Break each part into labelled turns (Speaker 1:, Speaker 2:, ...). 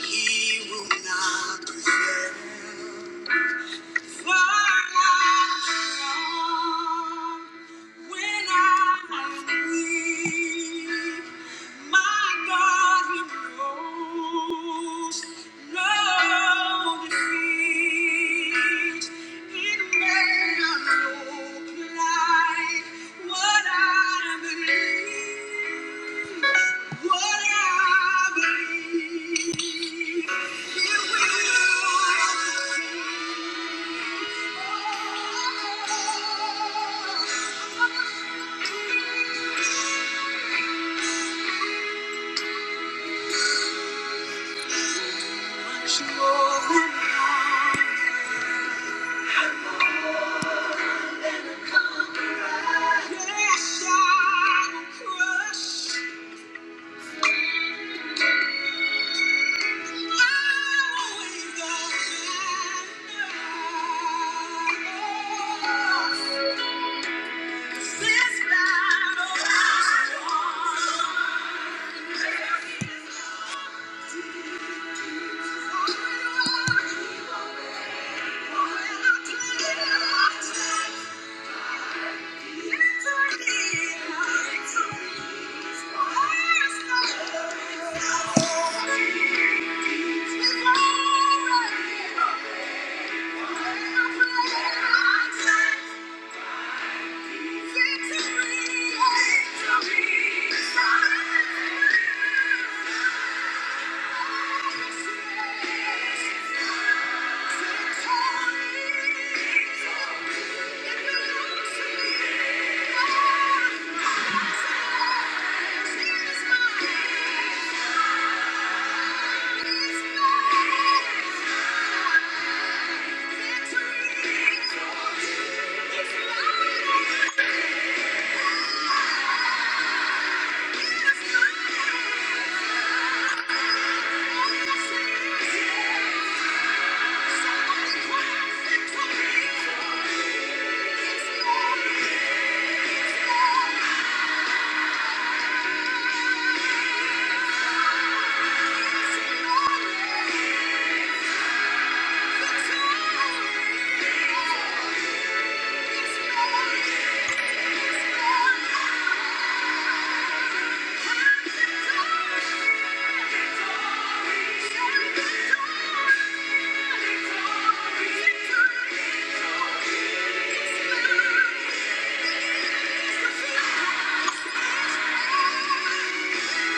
Speaker 1: He will not prevail. I'm What I believe, Thank you. Thank you. Thank you. Thank you. Thank you.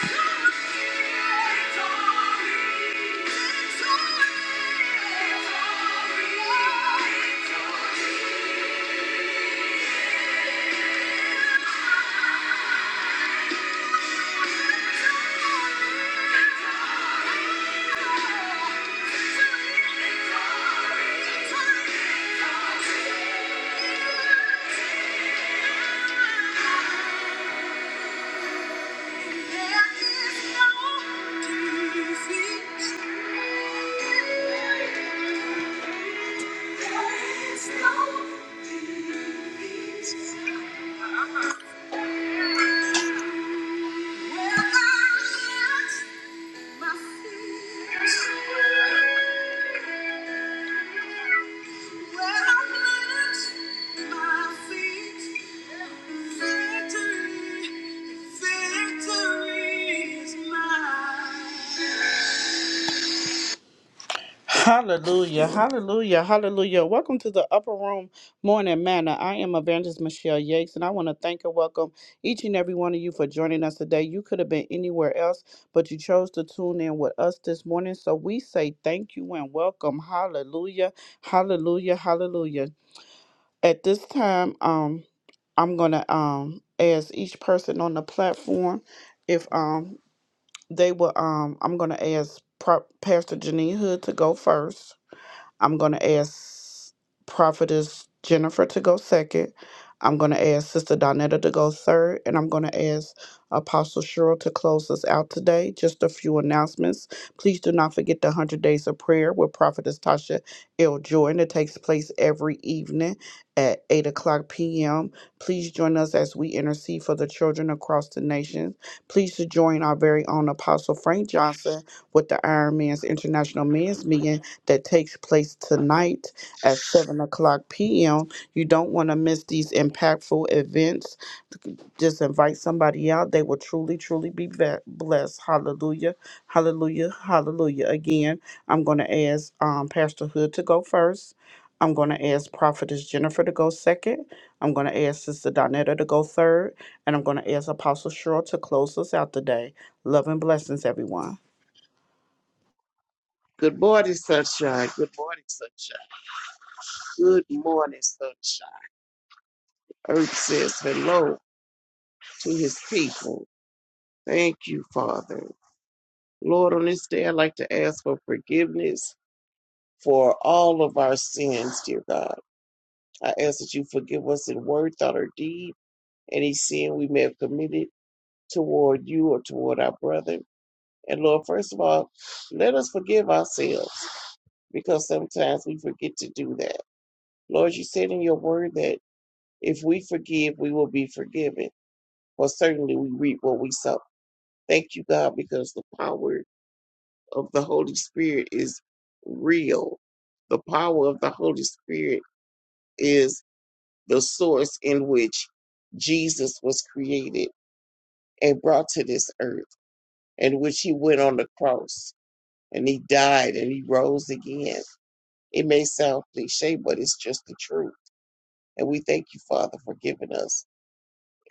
Speaker 1: There is no defeat. Victory is mine. Hallelujah, hallelujah, hallelujah. Welcome to the Upper Room Morning Manor. I am Evangelist Michelle Yates, and I want to thank and welcome each and every one of you for joining us today. You could have been anywhere else, but you chose to tune in with us this morning. So we say thank you and welcome. Hallelujah, hallelujah, hallelujah. At this time, um, I'm gonna um ask each person on the platform if um they will um I'm gonna ask Pro- Pastor Janine Hood to go first. I'm going to ask Prophetess Jennifer to go second. I'm going to ask Sister Donetta to go third. And I'm going to ask Apostle Cheryl to close us out today. Just a few announcements. Please do not forget the 100 Days of Prayer with Prophetess Tasha L. Jordan. It takes place every evening at 8 o'clock p.m. Please join us as we intercede for the children across the nation. Please to join our very own Apostle Frank Johnson with the Iron Man's International Men's Meeting that takes place tonight at 7 o'clock p.m. You don't want to miss these impactful events. Just invite somebody out. They will truly, truly be ve- blessed. Hallelujah. Hallelujah. Hallelujah. Again, I'm going to ask um, Pastor Hood to go first. I'm going to ask Prophetess Jennifer to go second. I'm going to ask Sister Donetta to go third. And I'm going to ask Apostle Cheryl to close us out today. Love and blessings, everyone.
Speaker 2: Good morning, sunshine. Good morning, sunshine. Good morning, sunshine. Earth says hello to his people. Thank you, Father. Lord, on this day, I'd like to ask for forgiveness for all of our sins, dear God. I ask that you forgive us in word, thought, or deed, any sin we may have committed toward you or toward our brother. And Lord, first of all, let us forgive ourselves because sometimes we forget to do that. Lord, you said in your word that If we forgive, we will be forgiven. For certainly we reap what we sow. Thank you, God, because the power of the Holy Spirit is real. The power of the Holy Spirit is the source in which Jesus was created and brought to this earth, in which he went on the cross and he died and he rose again. It may sound cliche, but it's just the truth. And we thank you, Father, for giving us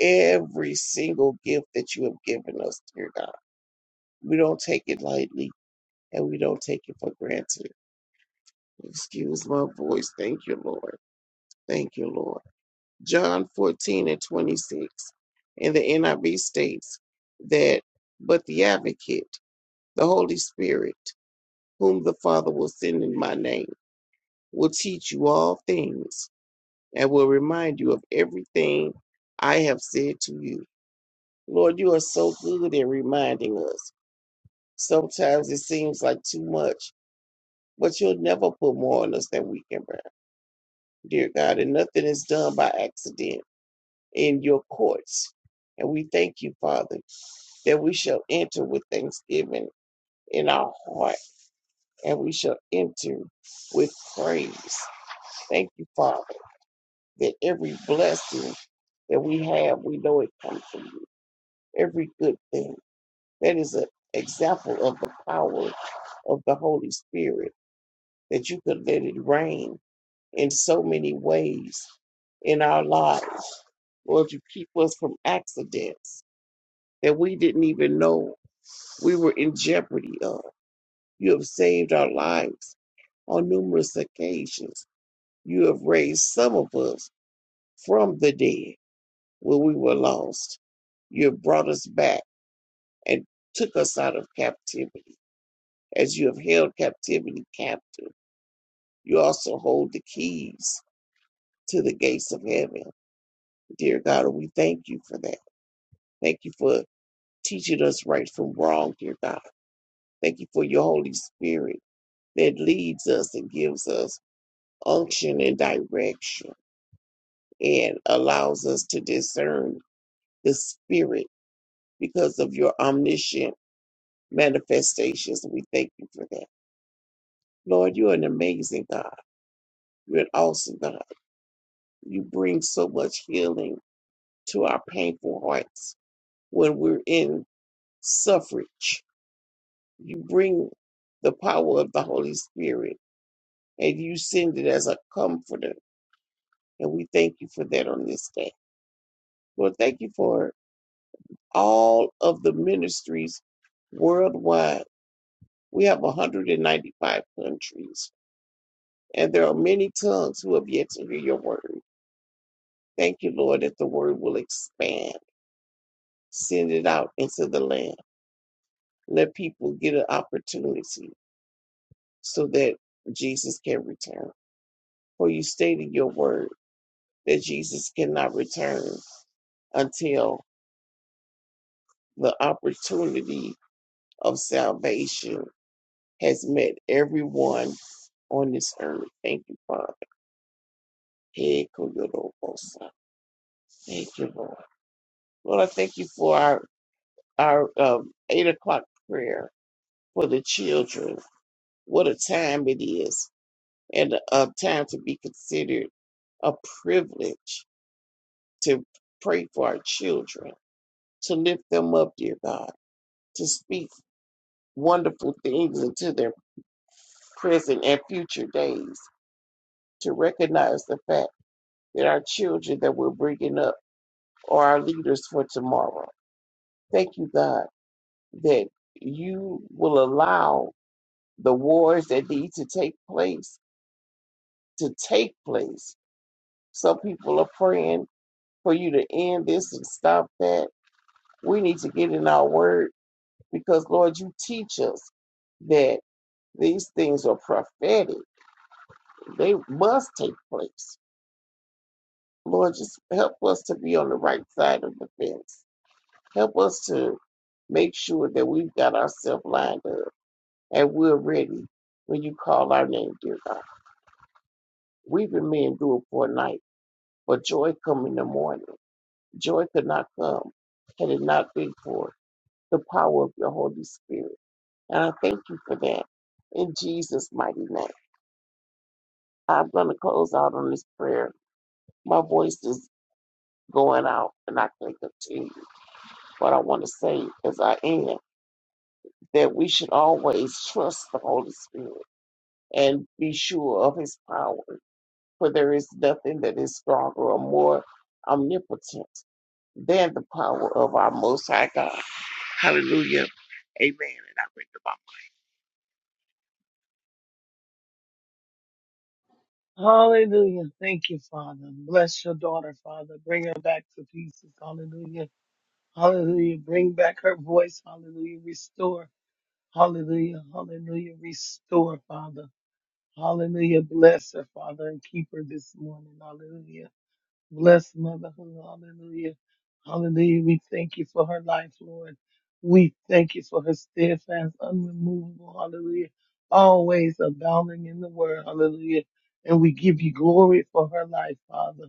Speaker 2: every single gift that you have given us, dear God. We don't take it lightly and we don't take it for granted. Excuse my voice. Thank you, Lord. Thank you, Lord. John 14 and 26 in the NIV states that, but the advocate, the Holy Spirit, whom the Father will send in my name, will teach you all things and will remind you of everything I have said to you. Lord, you are so good at reminding us. Sometimes it seems like too much, but you'll never put more on us than we can bear, dear God. And nothing is done by accident in your courts. And we thank you, Father, that we shall enter with thanksgiving in our heart and we shall enter with praise. Thank you, Father, that every blessing that we have, we know it comes from you. Every good thing. That is an example of the power of the Holy Spirit, that you could let it rain in so many ways in our lives. Lord, you keep us from accidents that we didn't even know we were in jeopardy of. You have saved our lives on numerous occasions. You have raised some of us from the dead when we were lost. You have brought us back and took us out of captivity. As you have held captivity captive, you also hold the keys to the gates of heaven. Dear God, we thank you for that. Thank you for teaching us right from wrong, dear God. Thank you for your Holy Spirit that leads us and gives us unction and direction and allows us to discern the Spirit because of your omniscient manifestations. We thank you for that. Lord, you're an amazing God. You're an awesome God. You bring so much healing to our painful hearts when we're in suffrage. You bring the power of the Holy Spirit and you send it as a comforter. And we thank you for that on this day. Lord, thank you for all of the ministries worldwide. We have 195 countries, and there are many tongues who have yet to hear your word. Thank you, Lord, that the word will expand. Send it out into the land. Let people get an opportunity so that Jesus can return. For you stated your word that Jesus cannot return until the opportunity of salvation has met everyone on this earth. Thank you, Father. Hey, Thank you, Lord. Lord, I thank you for our, our um, 8 o'clock prayer for the children. What a time it is, and a time to be considered a privilege to pray for our children, to lift them up, dear God, to speak wonderful things into their present and future days, to recognize the fact that our children that we're bringing up are our leaders for tomorrow. Thank you, God, that you will allow the wars that need to take place to take place. Some people are praying for you to end this and stop that. We need to get in our word because, Lord, you teach us that these things are prophetic. They must take place. Lord, just help us to be on the right side of the fence Help us to make sure that we've got ourselves lined up and we're ready when you call our name, dear God. Weeping may endure for a night, but joy come in the morning. Joy could not come had it not been for the power of your Holy Spirit. And I thank you for that in Jesus' mighty name. I'm going to close out on this prayer. My voice is going out and I can't continue. But I want to say, as I end, that we should always trust the Holy Spirit and be sure of his power. For there is nothing that is stronger or more omnipotent than the power of our Most High God. Hallelujah. Amen. And I read the Bible.
Speaker 3: Hallelujah. Thank you, Father. Bless your daughter, Father. Bring her back to pieces. Hallelujah. Hallelujah. Bring back her voice. Hallelujah. Restore. Hallelujah. Hallelujah. Restore, Father. Hallelujah. Bless her, Father, and keep her this morning. Hallelujah. Bless Motherhood, Hallelujah. Hallelujah. We thank you for her life, Lord. We thank you for her steadfast, unremovable. Hallelujah. Always abounding in the word. Hallelujah. And we give you glory for her life, Father.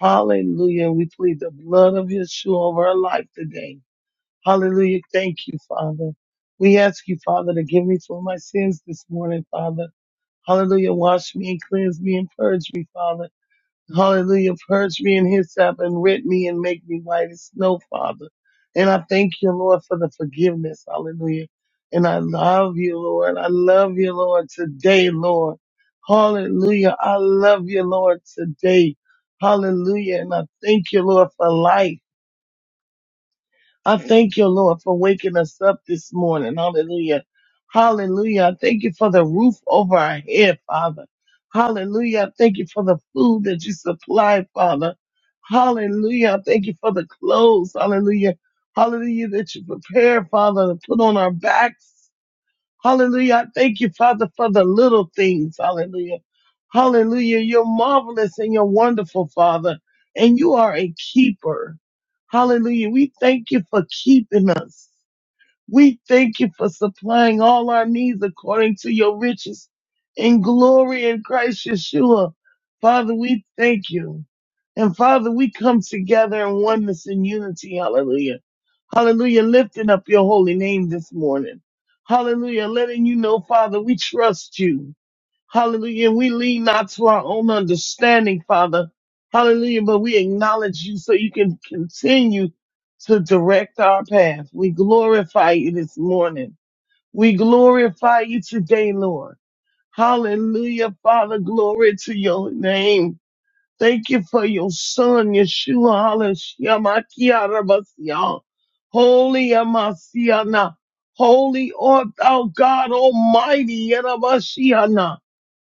Speaker 3: Hallelujah. We plead the blood of Yeshua over her life today. Hallelujah. Thank you, Father. We ask you, Father, to give me for my sins this morning, Father. Hallelujah. Wash me and cleanse me and purge me, Father Hallelujah. Purge me in hyssop and rid me and make me white as snow, Father. And I thank you, Lord, for the forgiveness. Hallelujah. And I love you, Lord. I love you, Lord, today, Lord. Hallelujah. I love you, Lord, today. Hallelujah. And I thank you, Lord, for life. I thank you, Lord, for waking us up this morning. Hallelujah. Hallelujah. I thank you for the roof over our head, Father. Hallelujah. I thank you for the food that you supply, Father. Hallelujah. I thank you for the clothes. Hallelujah. Hallelujah that you prepare, Father, to put on our backs. Hallelujah. I Thank you, Father, for the little things. Hallelujah. Hallelujah. You're marvelous and you're wonderful, Father, and you are a keeper. Hallelujah. We thank you for keeping us. We thank you for supplying all our needs according to your riches in glory in Christ Yeshua. Father, we thank you. And Father, we come together in oneness and unity. Hallelujah. Hallelujah. Lifting up your holy name this morning. Hallelujah. Letting you know, Father, we trust you. Hallelujah. And we lean not to our own understanding, Father. Hallelujah. But we acknowledge you so you can continue to direct our path. We glorify you this morning. We glorify you today, Lord. Hallelujah. Father, glory to your name. Thank you for your son, Yeshua HaMashiach. Holy Amasiana. Holy art thou God Almighty. Yerabashiana.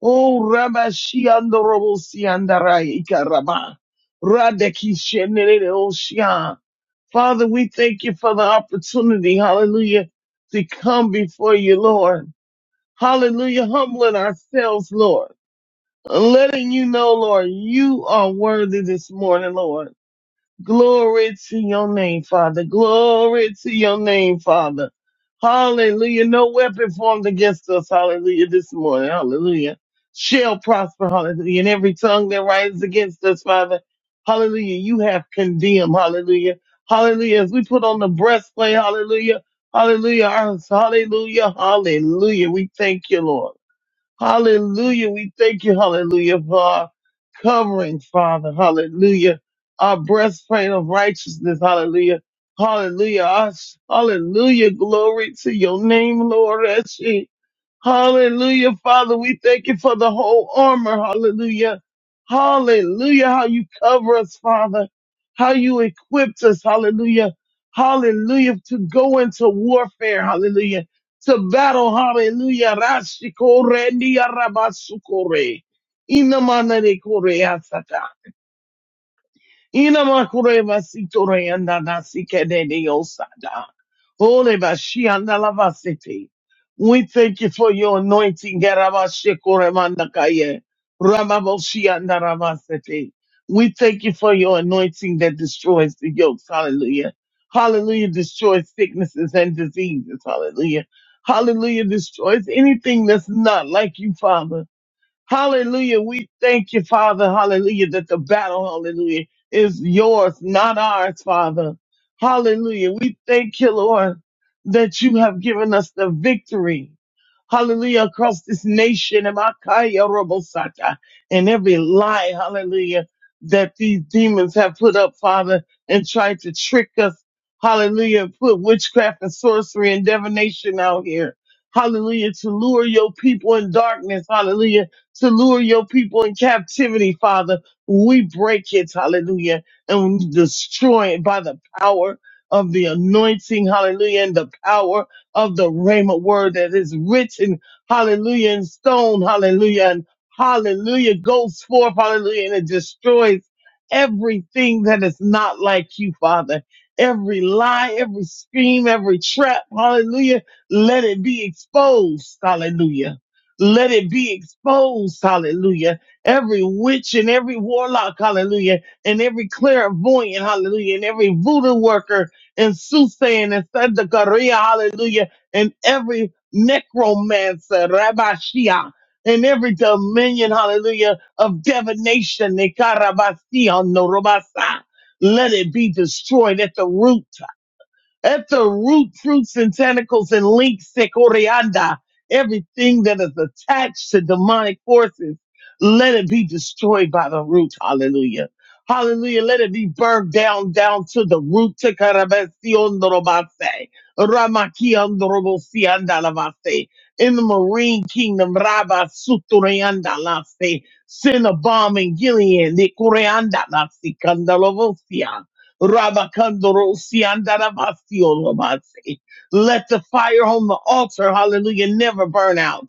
Speaker 3: Oh, Rabba Shianda Robo Sianda Raika Rabba. Radeki Shenere Oshia. Father, we thank you for the opportunity, hallelujah, to come before you, Lord. Hallelujah, humbling ourselves, Lord. Letting you know, Lord, you are worthy this morning, Lord. Glory to your name, Father. Glory to your name, Father. Hallelujah. No weapon formed against us. Hallelujah. This morning. Hallelujah. Shall prosper. Hallelujah. And every tongue that rises against us, Father. Hallelujah. You have condemned. Hallelujah. Hallelujah. As we put on the breastplate. Hallelujah. Hallelujah. Hallelujah. Hallelujah. We thank you, Lord. Hallelujah. We thank you, hallelujah, for our covering, Father. Hallelujah. Our breastplate of righteousness. Hallelujah. Hallelujah. Us. Hallelujah. Glory to your name, Lord. Yes, Hallelujah, Father. We thank you for the whole armor. Hallelujah. Hallelujah. How you cover us, Father. How you equipped us. Hallelujah. Hallelujah. To go into warfare. Hallelujah. To battle. Hallelujah. Rashikore niya rabasukore. Inamanare kore asaka. Inamakure Vasitore and Nasike de Osada. Ole Bashianda Lavasiti. We thank you for your anointing, Garabashikore Mandakaye. Rababoshianda Ravasiti. We thank you for your anointing that destroys the yokes. Hallelujah. Hallelujah. Destroys sicknesses and diseases. Hallelujah. Hallelujah. Destroys anything that's not like you, Father. Hallelujah. We thank you, Father. Hallelujah. That the battle, hallelujah, is yours, not ours, Father. Hallelujah. We thank you, Lord, that you have given us the victory. Hallelujah. Across this nation and Makaya Robosata, and every lie, hallelujah, that these demons have put up, Father, and tried to trick us. Hallelujah. Put witchcraft and sorcery and divination out here. Hallelujah. To lure your people in darkness. Hallelujah to lure your people in captivity, Father. We break it, hallelujah, and we destroy it by the power of the anointing, hallelujah, and the power of the Rhema word that is written, hallelujah, in stone, hallelujah, and hallelujah goes forth, hallelujah, and it destroys everything that is not like you, Father. Every lie, every scheme, every trap, hallelujah, let it be exposed, hallelujah let it be exposed, hallelujah. Every witch and every warlock, hallelujah, and every clairvoyant, hallelujah, and every voodoo worker and soothsaying and Sadakaria, hallelujah, and every necromancer, Rabbi and every dominion, hallelujah, of divination, Nikarabasi on Norobasa. Let it be destroyed at the root. At the root, fruits, and tentacles and links, Sekorianda, everything that is attached to demonic forces, let it be destroyed by the root. Hallelujah. Hallelujah. Let it be burned down, down to the root. Tekarabasiondorobase, Ramakiandorobosiandalabase. In the marine kingdom, Rabba Sutoriandalase, send a bomb in Gilead, Nikoriandalasi, Kandalovosia. Rabakandorosi andarabasi olobase. Let the fire on the altar, hallelujah, never burn out.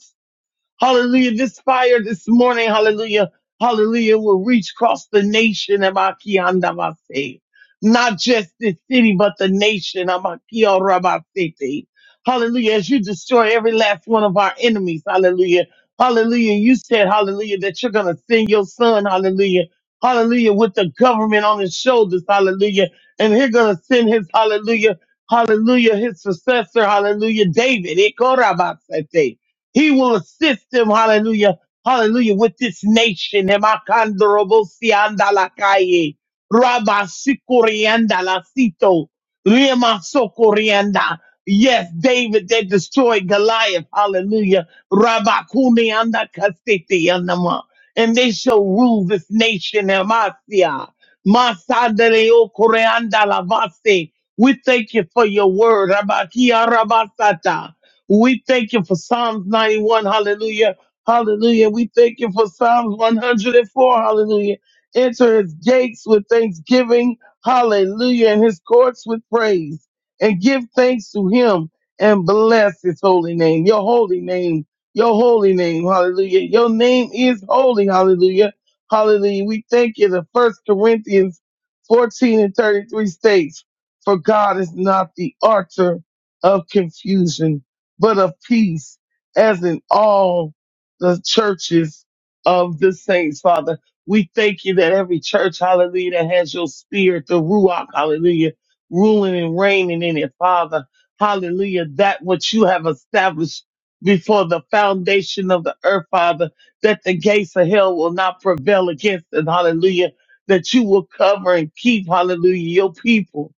Speaker 3: Hallelujah. This fire this morning, hallelujah, hallelujah, will reach across the nation. Amakiandabase. Not just this city, but the nation. Amakiorabasete. Hallelujah. As you destroy every last one of our enemies, hallelujah. Hallelujah. You said, hallelujah, that you're going to send your son, hallelujah. Hallelujah. With the government on his shoulders, hallelujah. And he's going to send his, hallelujah, hallelujah, his successor, hallelujah, David. Ikorabasete. He will assist him, hallelujah, hallelujah, with this nation. Hemakandorobosi andalakaye, rabasikoriandalasito, lemasokorianda. Yes, David, they destroyed Goliath, hallelujah. Rabakuniandakasitiandama. And they shall rule this nation, Hemasia. Masadeleokoreandalavase. We thank you for your word, Rabakia Rabasata. We thank you for Psalms 91. Hallelujah. Hallelujah. We thank you for Psalms 104. Hallelujah. Enter his gates with thanksgiving. Hallelujah. And his courts with praise. And give thanks to him and bless his holy name. Your holy name. Your holy name. Hallelujah. Your name is holy. Hallelujah. Hallelujah. We thank you. The first Corinthians 14 and 33 states, for God is not the author of confusion but of peace, as in all the churches of the saints, Father. We thank you that every church, hallelujah, that has your spirit, the Ruach, hallelujah, ruling and reigning in it, Father. Hallelujah, that which you have established before the foundation of the earth, Father, that the gates of hell will not prevail against it, hallelujah, that you will cover and keep, hallelujah, your people.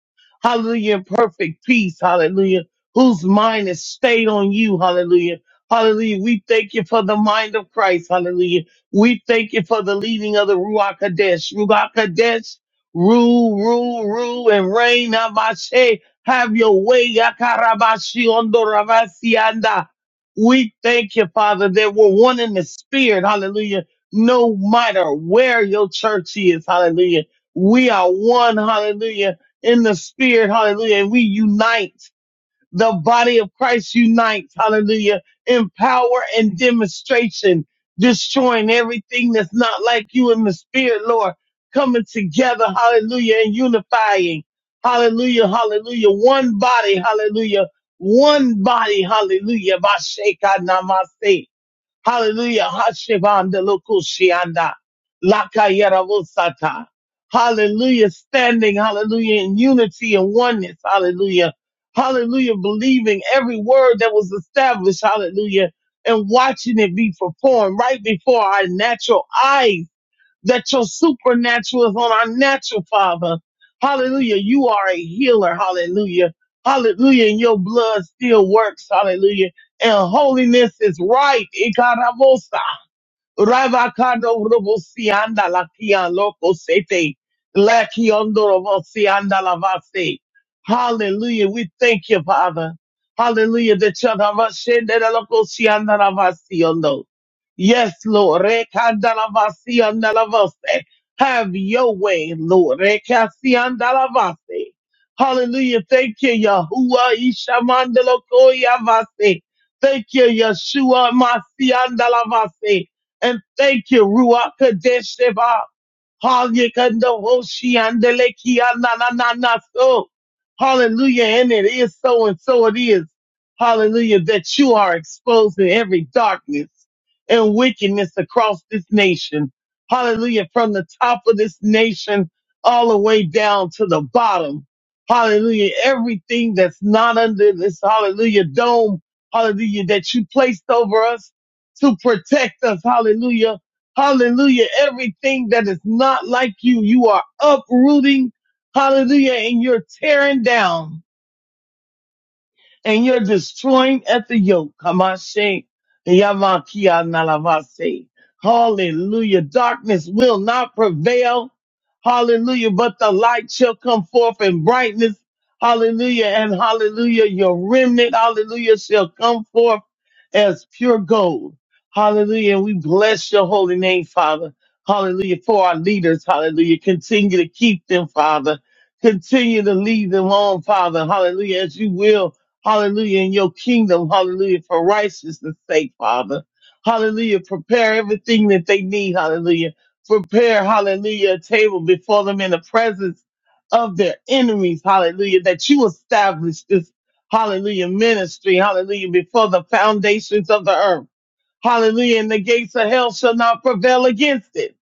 Speaker 3: Hallelujah, in perfect peace, hallelujah whose mind is stayed on you. Hallelujah. Hallelujah. We thank you for the mind of Christ. Hallelujah. We thank you for the leading of the Ruach Kadesh. Ruach Kadesh, rule, rule, rule, and reign. Amashe, have your way. Yakarabashi Ondoravasi Anda. We thank you, Father, that we're one in the spirit. Hallelujah. No matter where your church is. Hallelujah. We are one. Hallelujah. In the spirit. Hallelujah. And we unite the body of Christ unites, hallelujah, in power and demonstration, destroying everything that's not like you in the spirit, Lord, coming together, hallelujah, and unifying, hallelujah, hallelujah, one body, hallelujah, one body, hallelujah, Vasheka namase. Hallelujah. Hashivanda lokushianda. Lakayaravosata. Hallelujah. Standing, hallelujah, in unity and oneness. Hallelujah. Hallelujah. Believing every word that was established. Hallelujah. And watching it be performed right before our natural eyes that your supernatural is on our natural, Father. Hallelujah. You are a healer. Hallelujah. Hallelujah. And your blood still works. Hallelujah. And holiness is right. Ravakado Robosianda la Loco Sete. La Robosianda la Hallelujah. We thank you, Father. Hallelujah. The Chanavashende la Loco Sianda la Vasiondo. Yes, Lord. Rekanda la Vasianda la Vase. Have your way, Lord. Rekasianda la Vase. Hallelujah. Thank you, Yahuwah Ishamandalokoya Vase. Thank you, Yeshua Masianda la Vase. And thank you, Ruach Kadesh Seba. Hallelujah. Kando Hoshi Andele Kia Na Na Na Na So. Hallelujah. And it is so and so it is. Hallelujah. That you are exposing every darkness and wickedness across this nation. Hallelujah. From the top of this nation all the way down to the bottom. Hallelujah. Everything that's not under this hallelujah dome. Hallelujah. That you placed over us to protect us. Hallelujah. Hallelujah. Everything that is not like you, you are uprooting. Hallelujah. And you're tearing down and you're destroying at the yoke. Kamashe, Yamakia Nalavase. Hallelujah. Darkness will not prevail. Hallelujah. But the light shall come forth in brightness. Hallelujah. And hallelujah. Your remnant, hallelujah, shall come forth as pure gold. Hallelujah. And we bless your holy name, Father. Hallelujah. For our leaders, hallelujah. Continue to keep them, Father. Continue to lead them on, Father. Hallelujah. As you will. Hallelujah. In your kingdom. Hallelujah. For righteousness sake, Father. Hallelujah. Prepare everything that they need. Hallelujah. Prepare, hallelujah, a table before them in the presence of their enemies. Hallelujah. That you establish this, hallelujah, ministry. Hallelujah. Before the foundations of the earth. Hallelujah. And the gates of hell shall not prevail against it.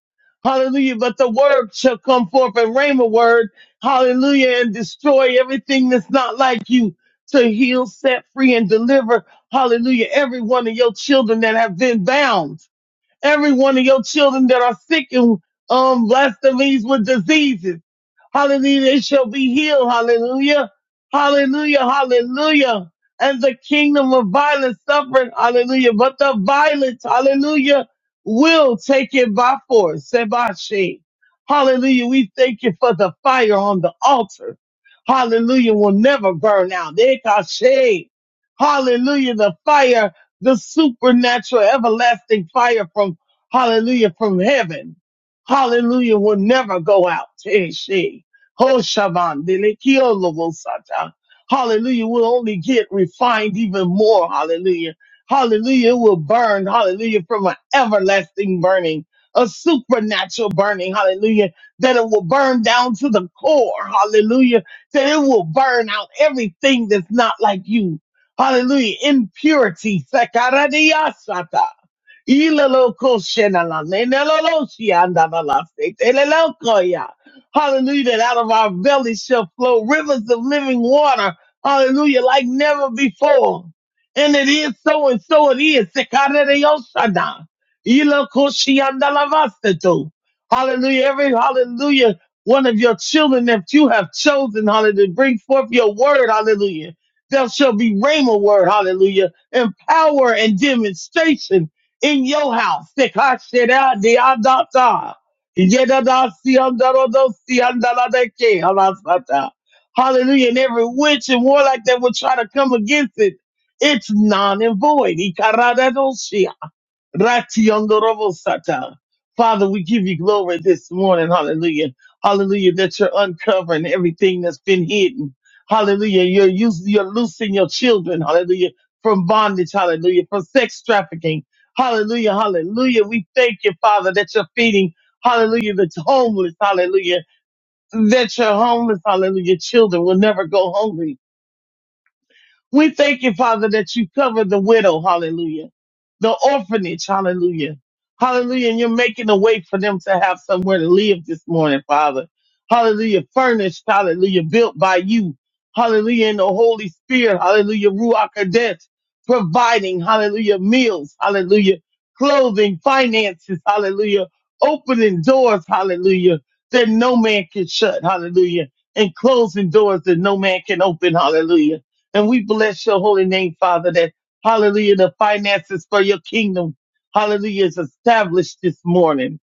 Speaker 3: Hallelujah. But the word shall come forth and rain a word. Hallelujah. And destroy everything that's not like you to heal, set free, and deliver. Hallelujah. Every one of your children that have been bound. Every one of your children that are sick and um, blasphemies with diseases Hallelujah. They shall be healed. Hallelujah. Hallelujah. Hallelujah. And the kingdom of violence suffered. Hallelujah. But the violence, hallelujah, will take it by force. Sebashi. Hallelujah. We thank you for the fire on the altar. Hallelujah. Will never burn out. Ekashe. Hallelujah. The fire, the supernatural, everlasting fire from, hallelujah, from heaven. Hallelujah will never go out. Hey, she. Oh, Shaban, Sata. Hallelujah. We'll only get refined even more. Hallelujah. Hallelujah. It will burn. Hallelujah. From an everlasting burning, a supernatural burning. Hallelujah. That it will burn down to the core. Hallelujah. That it will burn out everything that's not like you. Hallelujah. Impurity. Sakaradiasata. Ilelokoshenala, nenelolosiandalalasitelelelokoya. Hallelujah. That out of our bellies shall flow rivers of living water. Hallelujah. Like never before. And it is so and so it is. Sekarereoshana. Ilokoshiandalavasteto. Hallelujah. Every hallelujah. One of your children that you have chosen, hallelujah, bring forth your word, hallelujah. There shall be rhema word, hallelujah, and power and demonstration in your house. Sekashedadiadata. Yedadasi andorodosi andaladeke halasata. Hallelujah. And every witch and warlock that would try to come against it, it's non and void. Ratiyondorobosata. Father, we give you glory this morning. Hallelujah. Hallelujah. That you're uncovering everything that's been hidden. Hallelujah. You're using, you're loosing your children. Hallelujah. From bondage. Hallelujah. From sex trafficking. Hallelujah. Hallelujah. We thank you, Father, that you're feeding. Hallelujah. the homeless. Hallelujah. That your homeless. Hallelujah. Children will never go hungry. We thank you, Father, that you cover the widow, hallelujah, the orphanage, hallelujah, hallelujah, and you're making a way for them to have somewhere to live this morning, Father, hallelujah, furnished, hallelujah, built by you, hallelujah, in the Holy Spirit, hallelujah, Ruach Kadesh, providing, hallelujah, meals, hallelujah, clothing, finances, hallelujah, opening doors, hallelujah, that no man can shut, hallelujah, and closing doors that no man can open, hallelujah. And we bless your holy name, Father, that hallelujah, the finances for your kingdom, hallelujah, is established this morning.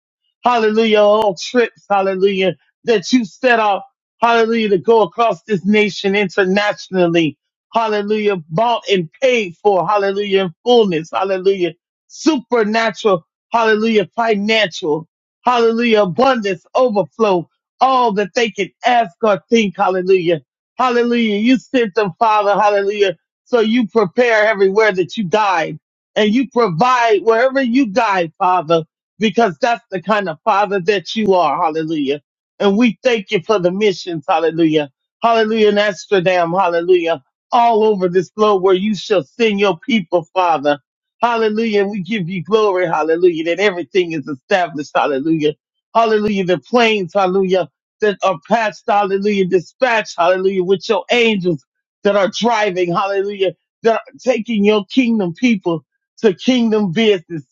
Speaker 3: Hallelujah, all trips, hallelujah, that you set out, hallelujah, to go across this nation internationally. Hallelujah, bought and paid for, hallelujah, in fullness, hallelujah, supernatural, hallelujah, financial, hallelujah, abundance, overflow, all that they can ask or think, hallelujah Hallelujah. You sent them, Father. Hallelujah. So you prepare everywhere that you guide and you provide wherever you guide, Father, because that's the kind of Father that you are. Hallelujah. And we thank you for the missions. Hallelujah. Hallelujah. In Amsterdam. Hallelujah. All over this globe where you shall send your people, Father. Hallelujah. And we give you glory. Hallelujah. That everything is established. Hallelujah. Hallelujah. The planes. Hallelujah that are past, hallelujah, dispatch, hallelujah, with your angels that are driving, hallelujah, that are taking your kingdom people to kingdom business.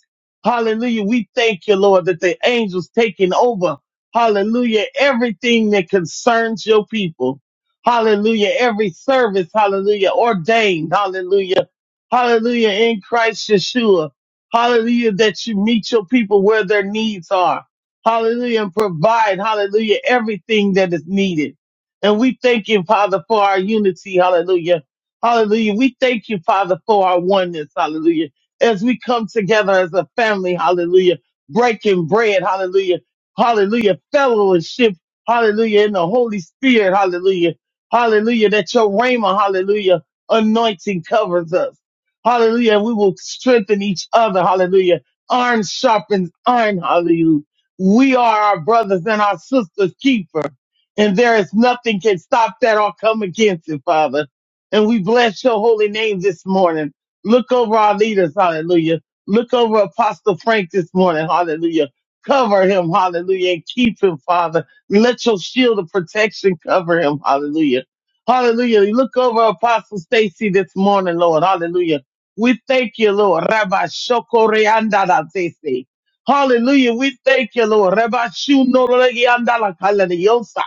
Speaker 3: Hallelujah. We thank you, Lord, that the angels taking over, hallelujah, everything that concerns your people. Hallelujah. Every service, hallelujah, ordained, hallelujah, hallelujah, in Christ Yeshua. Hallelujah, that you meet your people where their needs are hallelujah, and provide, hallelujah, everything that is needed. And we thank you, Father, for our unity, hallelujah, hallelujah. We thank you, Father, for our oneness, hallelujah, as we come together as a family, hallelujah, breaking bread, hallelujah, hallelujah, fellowship, hallelujah, in the Holy Spirit, hallelujah, hallelujah, that your rhema, hallelujah, anointing covers us. Hallelujah. We will strengthen each other. Hallelujah. Iron sharpens iron. Hallelujah. We are our brothers and our sisters' keeper, and there is nothing can stop that or come against it, Father. And we bless your holy name this morning. Look over our leaders, hallelujah. Look over Apostle Frank this morning, hallelujah. Cover him, hallelujah, and keep him, Father. Let your shield of protection cover him, hallelujah. Hallelujah. Look over Apostle Stacy this morning, Lord, hallelujah. We thank you, Lord. Rabbi Shokoreandadazese. Hallelujah. We thank you, Lord. Reba shu no regi andala kala de yosa.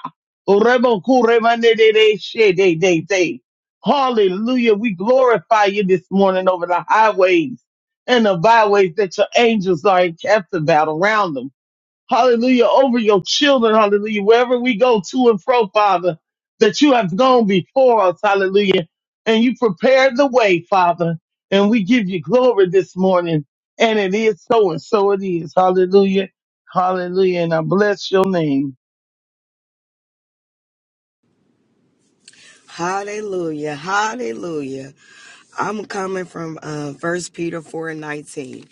Speaker 3: O rebo ku reba ne de de she de de de. Hallelujah. We glorify you this morning over the highways and the byways that your angels are encamped about around them hallelujah, over your children, hallelujah, wherever we go to and fro, Father, that you have gone before us, hallelujah, and you prepared the way, Father, and we give you glory this morning, and it is so, and so it is, hallelujah, hallelujah, and I bless your name.
Speaker 4: Hallelujah. Hallelujah. I'm coming from uh, 1 Peter 4 and 19.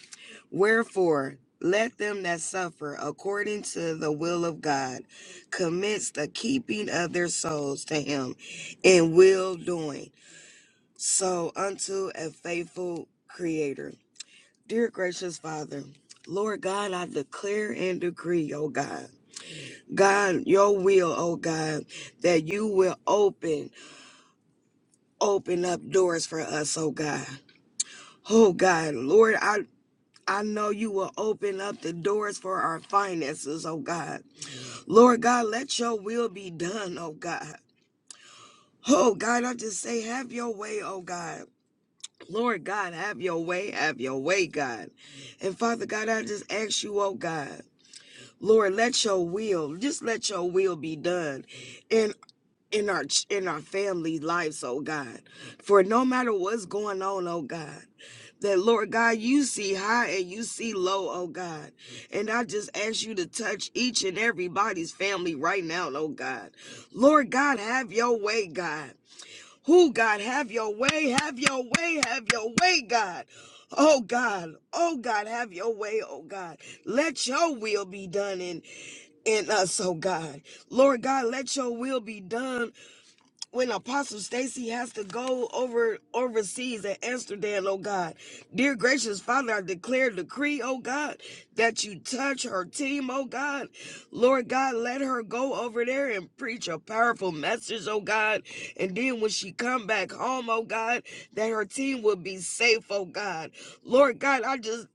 Speaker 4: Wherefore, let them that suffer according to the will of God commits the keeping of their souls to him in will doing. So unto a faithful creator. Dear gracious Father, Lord God, I declare and decree, oh God. God, your will, oh God, that you will open. open up doors for us, oh God. Oh God, Lord, I I know you will open up the doors for our finances, oh God. Lord God, let your will be done, oh God. Oh God, I just say, have your way, oh God. Lord God, have your way, have your way, God. And Father God, I just ask you, oh God, Lord, let your will, just let your will be done in in our in our family lives, oh God. For no matter what's going on, oh God. that Lord God, you see high and you see low, oh God. And I just ask you to touch each and everybody's family right now, oh God. Lord God, have your way, God. Who, God, have your way, have your way, have your way, God. Oh God, oh God, have your way, oh God. Let your will be done in, in us, oh God. Lord God, let your will be done when Apostle Stacy has to go over overseas at Amsterdam, oh God. Dear gracious Father, I declare a decree, oh God, that you touch her team, oh God. Lord God, let her go over there and preach a powerful message, oh God. And then when she come back home, oh God, that her team will be safe, oh God. Lord God, I just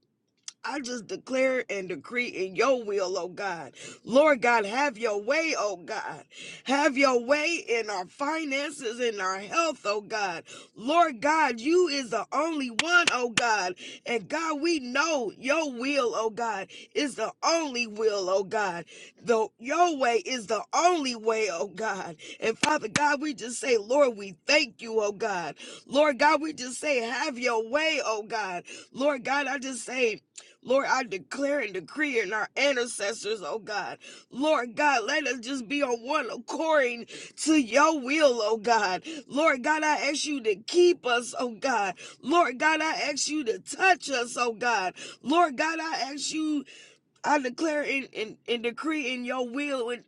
Speaker 4: I just declare and decree in your will, oh God. Lord God, have your way, oh God. Have your way in our finances, in our health, oh God. Lord God, you is the only one, oh God. And God, we know your will, oh God, is the only will, oh God. The your way is the only way, oh God. And Father God, we just say, Lord, we thank you, oh God. Lord God, we just say, have your way, oh God. Lord God, I just say, Lord, I declare and decree in our ancestors, oh God. Lord God, let us just be on one according to your will, oh God. Lord God, I ask you to keep us, oh God. Lord God, I ask you to touch us, oh God. Lord God, I ask you, I declare and, and, and decree in your will and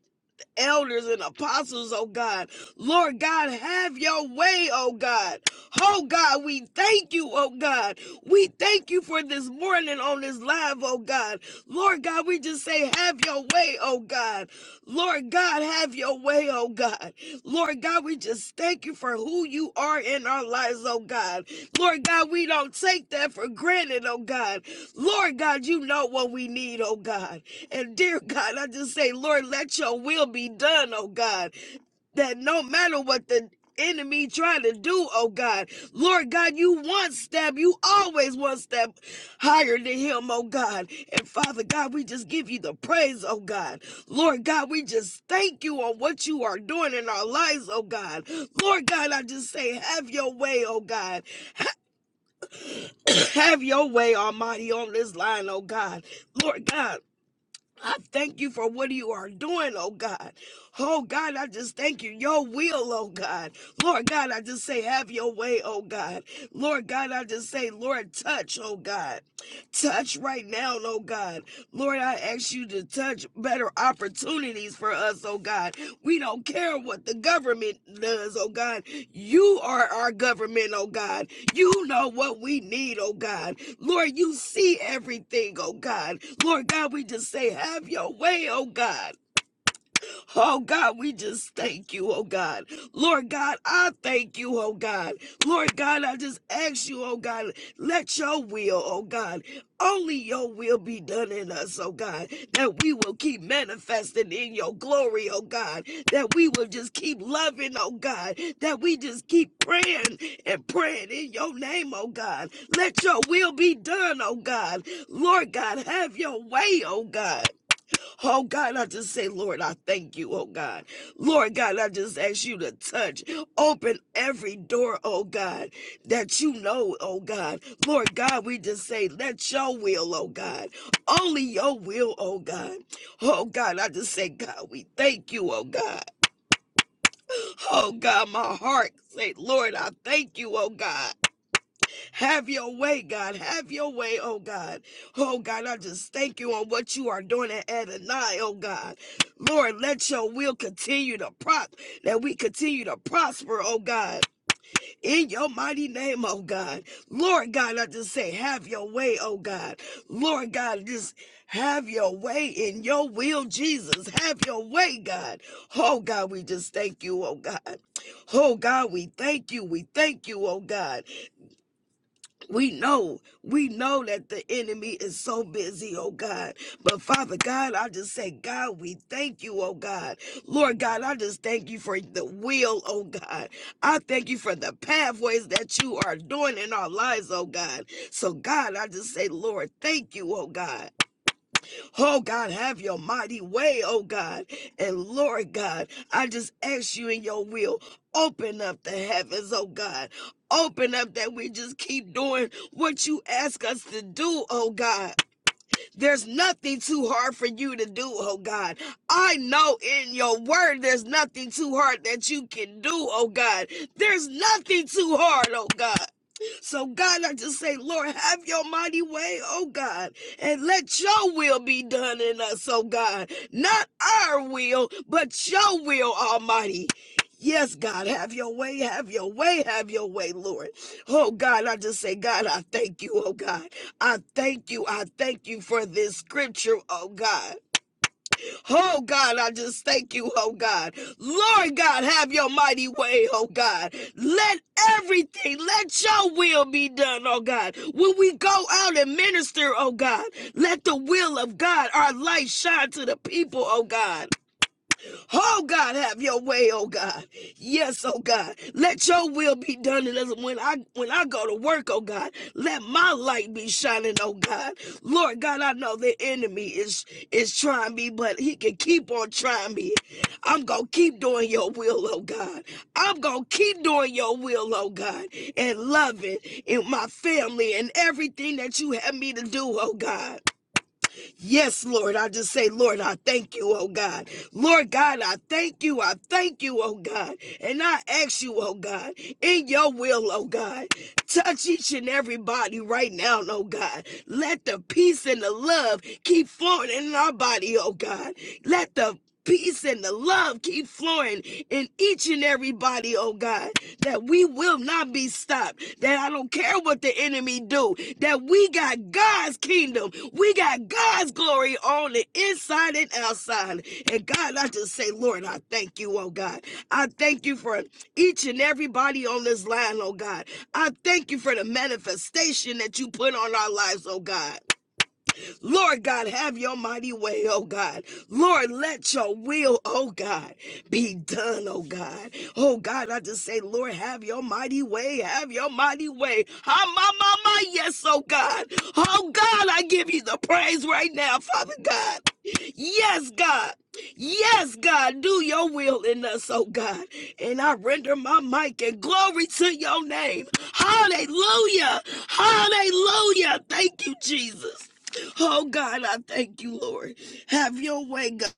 Speaker 4: elders and apostles, oh God. Lord God, have your way, oh God. Oh God, we thank you, oh God. We thank you for this morning on this live, oh God. Lord God, we just say, have your way, oh God. Lord God, have your way, oh God. Lord God, we just thank you for who you are in our lives, oh God. Lord God, we don't take that for granted, oh God. Lord God, you know what we need, oh God. And dear God, I just say, Lord, let your will be done, oh God. That no matter what the enemy trying to do, oh God, Lord God, you one step, you always one step higher than him, oh God. And Father God, we just give you the praise, oh God. Lord God, we just thank you on what you are doing in our lives, oh God. Lord God, I just say, have your way, oh God. have your way, Almighty, on this line, oh God. Lord God. I thank you for what you are doing, oh God. Oh God, I just thank you. Your will, oh God. Lord God, I just say, have your way, oh God. Lord God, I just say, Lord, touch, oh God. Touch right now, oh God. Lord, I ask you to touch better opportunities for us, oh God. We don't care what the government does, oh God. You are our government, oh God. You know what we need, oh God. Lord, you see everything, oh God. Lord God, we just say, have your way, oh God. Oh God, we just thank you, oh God. Lord God, I thank you, oh God. Lord God, I just ask you, oh God, let your will, oh God, only your will be done in us, oh God, that we will keep manifesting in your glory, oh God, that we will just keep loving, oh God, that we just keep praying and praying in your name, oh God. Let your will be done, oh God. Lord God, have your way, oh God. Oh God, I just say, Lord, I thank you, oh God. Lord God, I just ask you to touch, open every door, oh God, that you know, oh God. Lord God, we just say, let your will, oh God, only your will, oh God. Oh God, I just say, God, we thank you, oh God. Oh God, my heart say, Lord, I thank you, oh God. Have your way, God. Have your way, oh God. Oh God, I just thank you on what you are doing at Adonai, oh God. Lord, let your will continue to prop, that we continue to prosper, oh God. In your mighty name, oh God. Lord God, I just say, have your way, oh God. Lord God, just have your way in your will, Jesus. Have your way, God. Oh God, we just thank you, oh God. Oh God, we thank you. We thank you, oh God. We know, we know that the enemy is so busy, oh God. But Father God, I just say, God, we thank you, oh God. Lord God, I just thank you for the will, oh God. I thank you for the pathways that you are doing in our lives, oh God. So, God, I just say, Lord, thank you, oh God. Oh God, have your mighty way, oh God. And Lord God, I just ask you in your will, open up the heavens, oh God. Open up that we just keep doing what you ask us to do, oh God. There's nothing too hard for you to do, oh God. I know in your word there's nothing too hard that you can do, oh God. There's nothing too hard, oh God. So, God, I just say, Lord, have your mighty way, oh God, and let your will be done in us, oh God. Not our will, but your will, Almighty. Yes, God, have your way, have your way, have your way, Lord. Oh God, I just say, God, I thank you, oh God. I thank you. I thank you for this scripture, oh God. Oh God, I just thank you, oh God. Lord God, have your mighty way, oh God. Let everything, let your will be done, oh God. When we go out and minister, oh God, let the will of God, our light shine to the people, oh God. Oh God, have your way, oh God. Yes, oh God. Let your will be done in us. When I when I go to work, oh God, let my light be shining, oh God. Lord God, I know the enemy is is trying me, but he can keep on trying me. I'm gonna keep doing your will, oh God. I'm gonna keep doing your will, oh God, and loving in my family and everything that you have me to do, oh God. Yes, Lord. I just say, Lord, I thank you, oh God. Lord God, I thank you. I thank you, oh God. And I ask you, oh God, in your will, oh God, touch each and everybody right now, oh God. Let the peace and the love keep flowing in our body, oh God. Let the peace and the love keep flowing in each and every body, oh God, that we will not be stopped, that I don't care what the enemy do, that we got God's kingdom, we got God's glory on the inside and outside. And God, I just say, Lord, I thank you, oh God. I thank you for each and everybody on this line, oh God. I thank you for the manifestation that you put on our lives, oh God. Lord God, have your mighty way, oh God. Lord, let your will, oh God, be done, oh God. Oh God, I just say, Lord, have your mighty way, have your mighty way. Ah, my, my, my, yes, oh God. Oh God, I give you the praise right now, Father God. Yes, God. Yes, God, do your will in us, oh God. And I render my mic and glory to your name. Hallelujah. Hallelujah. Thank you, Jesus. Oh God, I thank you, Lord. Have your way, God.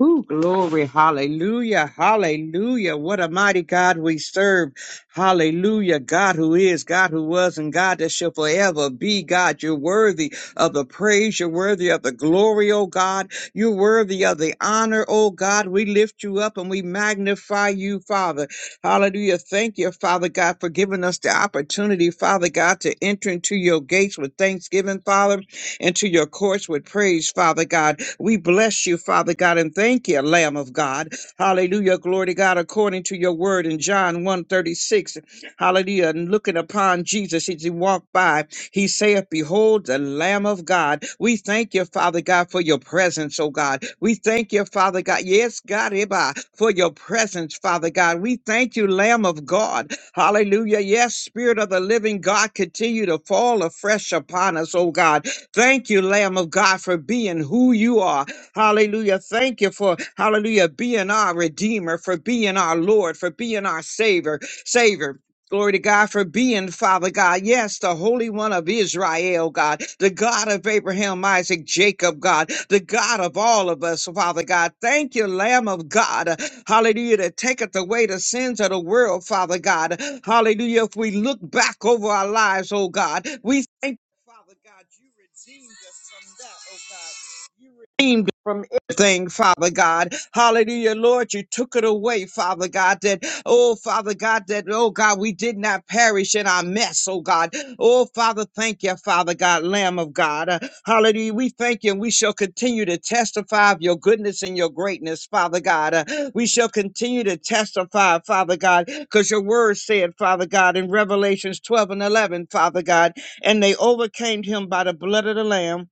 Speaker 5: Ooh, glory. Hallelujah. Hallelujah. What a mighty God we serve. Hallelujah. God who is, God who was, and God that shall forever be. God, you're worthy of the praise. You're worthy of the glory, oh God. You're worthy of the honor, oh God. We lift you up and we magnify you, Father. Hallelujah. Thank you, Father God, for giving us the opportunity, Father God, to enter into your gates with thanksgiving, Father into your courts with praise, Father God. We bless you, Father God, and thank you, Lamb of God. Hallelujah. Glory to God, according to your word in John one thirty six, Hallelujah. And looking upon Jesus as he walked by, he saith, Behold the Lamb of God. We thank you, Father God, for your presence, oh God. We thank you, Father God. Yes, God, Eba, for your presence, Father God. We thank you, Lamb of God. Hallelujah. Yes, Spirit of the living God, continue to fall afresh upon us, oh God. Thank you, Lamb of God, for being who you are. Hallelujah. Thank you for, hallelujah, being our Redeemer, for being our Lord, for being our Savior. Savior. Glory to God for being Father God. Yes, the Holy One of Israel, God, the God of Abraham, Isaac, Jacob, God, the God of all of us, Father God. Thank you, Lamb of God. Hallelujah, that taketh away the sins of the world, Father God. Hallelujah. If we look back over our lives, oh God, we thank Father God, you redeemed us from that, oh God. You redeemed us from everything, Father God. Hallelujah, Lord. You took it away, Father God. That, oh, Father God, that, oh, God, we did not perish in our mess, oh, God. Oh, Father, thank you, Father God, Lamb of God. Uh, hallelujah. We thank you and we shall continue to testify of your goodness and your greatness, Father God. Uh, we shall continue to testify, Father God, because your word said, Father God, in Revelations 12 and 11, Father God and they overcame him by the blood of the Lamb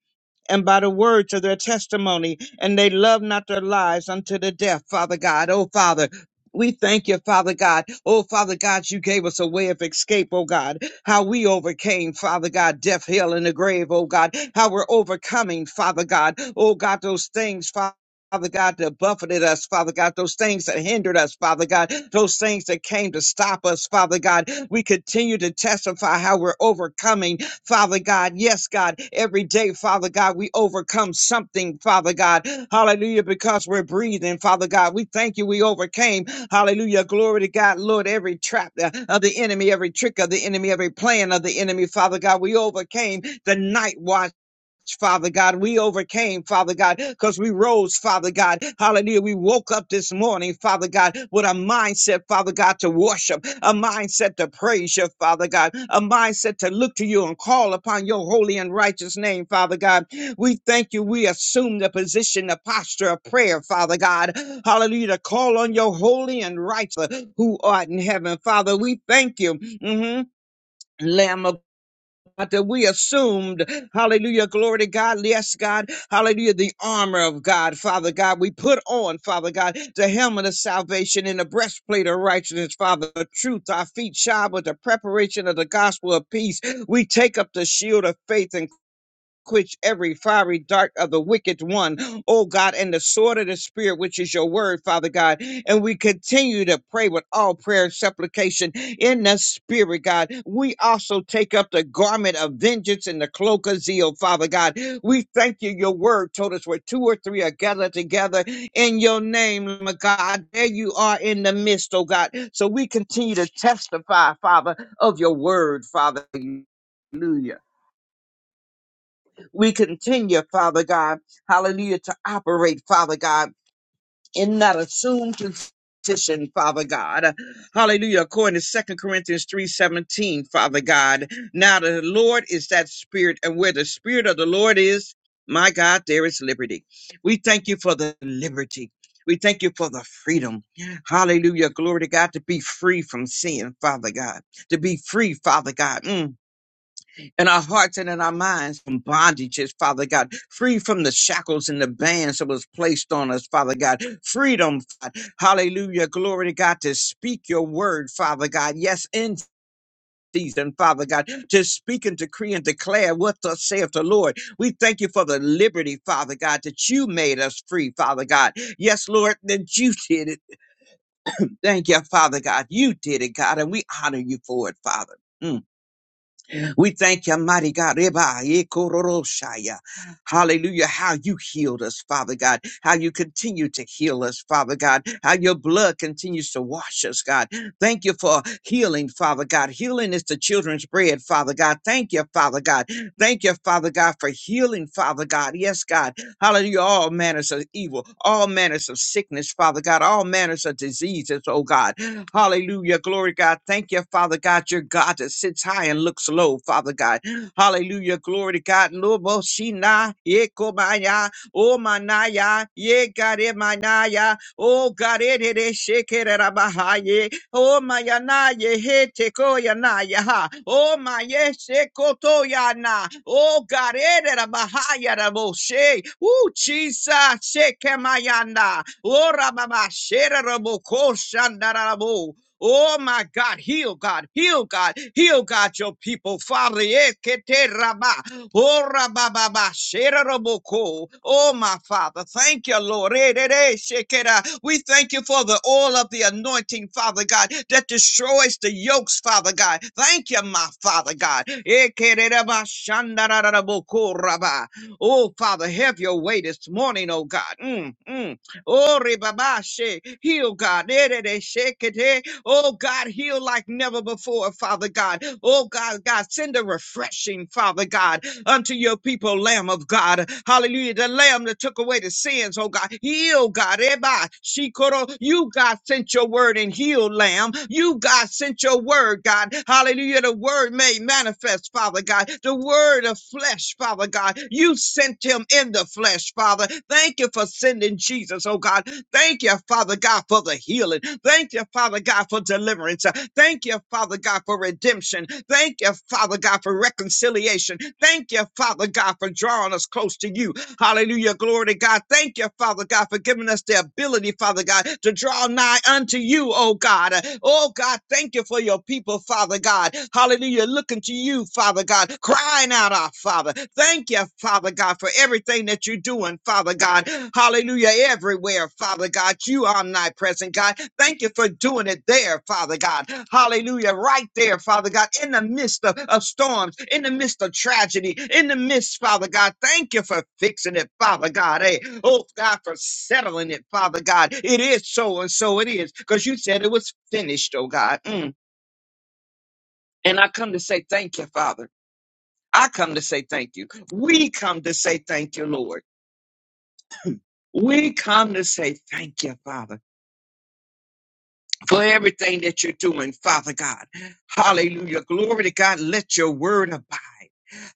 Speaker 5: and by the words of their testimony, and they loved not their lives unto the death, Father God. Oh, Father. We thank you, Father God. Oh, Father God, you gave us a way of escape, oh God. How we overcame, Father God, death, hell, and the grave, oh God. How we're overcoming, Father God. Oh God, those things, Father. Father God, that buffeted us, Father God, those things that hindered us, Father God, those things that came to stop us, Father God. We continue to testify how we're overcoming, Father God. Yes, God, every day, Father God, we overcome something, Father God. Hallelujah, because we're breathing, Father God. We thank you, we overcame. Hallelujah, glory to God, Lord, every trap uh, of the enemy, every trick of the enemy, every plan of the enemy, Father God, we overcame the night watch. Father God. We overcame, Father God, because we rose, Father God. Hallelujah. We woke up this morning, Father God, with a mindset, Father God, to worship, a mindset to praise you, Father God, a mindset to look to you and call upon your holy and righteous name, Father God. We thank you. We assume the position, the posture of prayer, Father God. Hallelujah. To call on your holy and righteous who art in heaven, Father. We thank you. hmm Lamb of God, that we assumed, hallelujah, glory to God, yes, God, hallelujah, the armor of God, Father God, we put on, Father God, the helmet of salvation and the breastplate of righteousness, Father, the truth, our feet shod with the preparation of the gospel of peace. We take up the shield of faith and quench every fiery dart of the wicked one, oh God, and the sword of the Spirit, which is your word, Father God. And we continue to pray with all prayer and supplication in the Spirit, God. We also take up the garment of vengeance and the cloak of zeal, Father God. We thank you. Your word told us where two or three are gathered together in your name, my God. There you are in the midst, oh God. So we continue to testify, Father, of your word, Father. Hallelujah. We continue, Father God, hallelujah, to operate, Father God, in that assumed position, Father God. Hallelujah. According to Second Corinthians 3:17, Father God. Now the Lord is that spirit, and where the spirit of the Lord is, my God, there is liberty. We thank you for the liberty. We thank you for the freedom. Hallelujah. Glory to God to be free from sin, Father God. To be free, Father God. Mm in our hearts and in our minds from bondages, Father God, free from the shackles and the bands that was placed on us, Father God, freedom, God. hallelujah, glory to God, to speak your word, Father God, yes, in season, Father God, to speak and decree and declare what thus saith the Lord. We thank you for the liberty, Father God, that you made us free, Father God. Yes, Lord, that you did it. Thank you, Father God, you did it, God, and we honor you for it, Father. Mm. We thank you, mighty God. Reba, Ekororoshaya. Hallelujah. How you healed us, Father God. How you continue to heal us, Father God. How your blood continues to wash us, God. Thank you for healing, Father God. Healing is the children's bread, Father God. Thank you, Father God. Thank you, Father God, for healing, Father God. Yes, God. Hallelujah. All manners of evil, all manners of sickness, Father God, all manners of diseases, oh God. Hallelujah. Glory God. Thank you, Father God. Your God that sits high and looks low, Father God. Hallelujah. Glory to God. Oh manaya, ye gare manaya. Oh gare de de shekere rabahaye. Oh mayana ye he teko yanaya ha. Oh maye shekoto yana. Oh gare de rabahaya raboshe. O chisa shekemayana. Oh rababa shere raboko shandarabo. Oh my God, heal God, heal God, heal God, your people, Father. eh, kete raba. Oh, rabababa, shereroboko. Oh, my Father, thank you, Lord. Eh, eh, eh, shekera. We thank you for the oil of the anointing, Father God, that destroys the yokes, Father God. Thank you, my Father God. Eh, kerereba, shandarararaboko, rabba. Oh, Father, have your way this morning, oh God. Mm, mm. Oh, rebaba, she- heal, God. Eh, eh, eh, shekete. Oh God, heal like never before, Father God. Oh God, God, send a refreshing, Father God unto your people, Lamb of God. Hallelujah. The Lamb that took away the sins, oh God. Heal, God. Eba, shikoro. You, God, sent your word and healed, Lamb. You, God, sent your word, God. Hallelujah. The word made manifest, Father God. The word of flesh, Father God. You sent him in the flesh, Father. Thank you for sending Jesus, oh God. Thank you, Father God, for the healing. Thank you, Father God, for deliverance. Thank you, Father God, for redemption. Thank you, Father God, for reconciliation. Thank you, Father God, for drawing us close to you. Hallelujah. Glory to God. Thank you, Father God, for giving us the ability, Father God, to draw nigh unto you, oh God. Oh God, thank you for your people, Father God. Hallelujah. Looking to you, Father God, crying out our Father. Thank you, Father God, for everything that you're doing, Father God. Hallelujah. Everywhere, Father God, you are omnipresent, God. Thank you for doing it there, Father God. Hallelujah. Right there, Father God, in the midst of, of storms, in the midst of tragedy, in the midst, Father God. Thank you for fixing it, Father God. Hey, oh God, for settling it, Father God. It is so and so it is, because you said it was finished, oh God. Mm. And I come to say thank you, Father. I come to say thank you. We come to say thank you, Lord. We come to say thank you, Father, for everything that you're doing, Father God. Hallelujah. Glory to God. Let your word abide.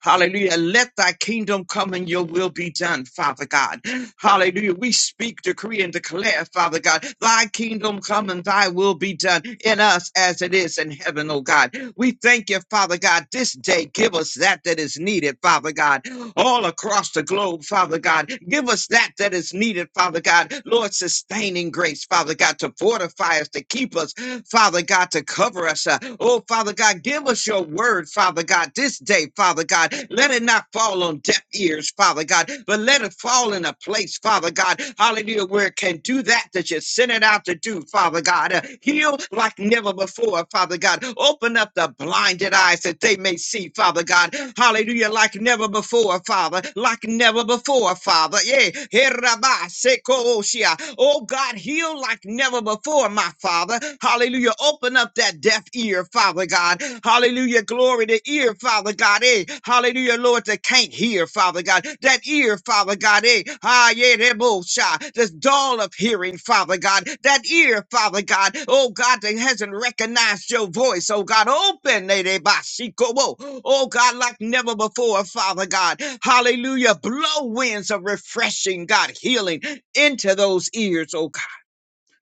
Speaker 5: Hallelujah. Let thy kingdom come and your will be done, Father God. Hallelujah. We speak, decree, and declare, Father God, thy kingdom come and thy will be done in us as it is in heaven, oh God. We thank you, Father God, this day. Give us that that is needed, Father God, all across the globe, Father God. Give us that that is needed, Father God. Lord, sustaining grace, Father God, to fortify us, to keep us, Father God, to cover us. uh, Oh, Father God. Give us your word, Father God, this day, Father God. Let it not fall on deaf ears, Father God, but let it fall in a place, Father God, hallelujah, where it can do that that you sent it out to do, Father God. Uh, heal like never before, Father God. Open up the blinded eyes that they may see, Father God. Hallelujah, like never before, Father, like never before, Father. Yeah. Herabba, sekoshia. Oh God, heal like never before, door, my Father. Hallelujah. Open up that deaf ear, Father God. Hallelujah. Glory to ear, Father God. Eh. Hallelujah, Lord, that can't hear, Father God. That ear, Father God. Eh. Ah, yeah, that bullshit. This dull of hearing, Father God. That ear, Father God. Oh, God, that hasn't recognized your voice. Oh, God, open. eh, de bashiko, wo. Oh, God, like never before, Father God. Hallelujah. Blow winds of refreshing, God, healing into those ears, oh God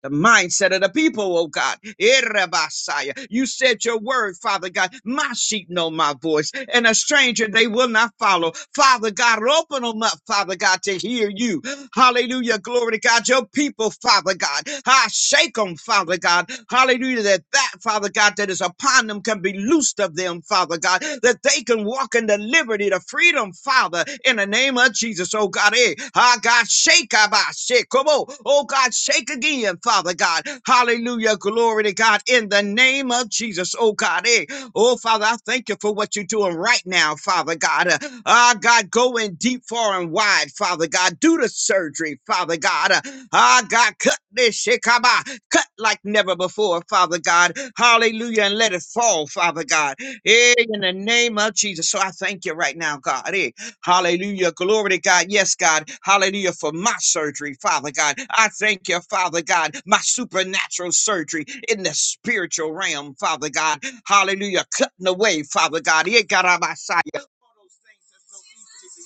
Speaker 5: the mindset of the people, oh God. Erebasaya. You said your word, Father God. My sheep know my voice, and a stranger they will not follow. Father God, open them up, Father God, to hear you. Hallelujah. Glory to God. Your people, Father God. I shake them, Father God. Hallelujah. That that, Father God, that is upon them can be loosed of them, Father God. That they can walk in the liberty, the freedom, Father, in the name of Jesus. Oh God, eh. Ah, God, shake Abba. Shake. Come on. Oh God, shake again, Father God. Hallelujah. Glory to God. In the name of Jesus. Oh God, eh. Oh, Father, I thank you for what you're doing right now, Father God. Uh, Ah, God, go in deep, far, and wide, Father God. Do the surgery, Father God. Uh, Ah, God, cut this shikaba, cut like never before, Father God. Hallelujah, and let it fall, Father God. Eh, In the name of Jesus. So I thank you right now, God. Eh, Hallelujah. Glory to God. Yes, God. Hallelujah for my surgery, Father God. I thank you, Father God, my supernatural surgery in the spiritual realm, Father God. Hallelujah. Cutting away, Father God. Here, God, I'm outside. All those things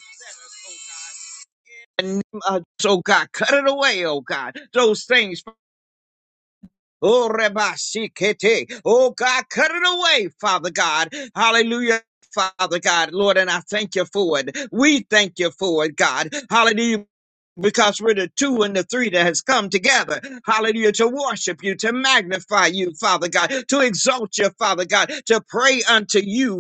Speaker 5: that so easily beset us, oh God. In the name oh God, cut it away, oh God. Those things. Oh, Rabbi Shikete. Oh, God, cut it away, Father God. Hallelujah. Father God, Lord, and I thank you for it. We thank you for it, God. Hallelujah. Because we're the two and the three that has come together, hallelujah, to worship you, to magnify you, Father God, to exalt you, Father God, to pray unto you,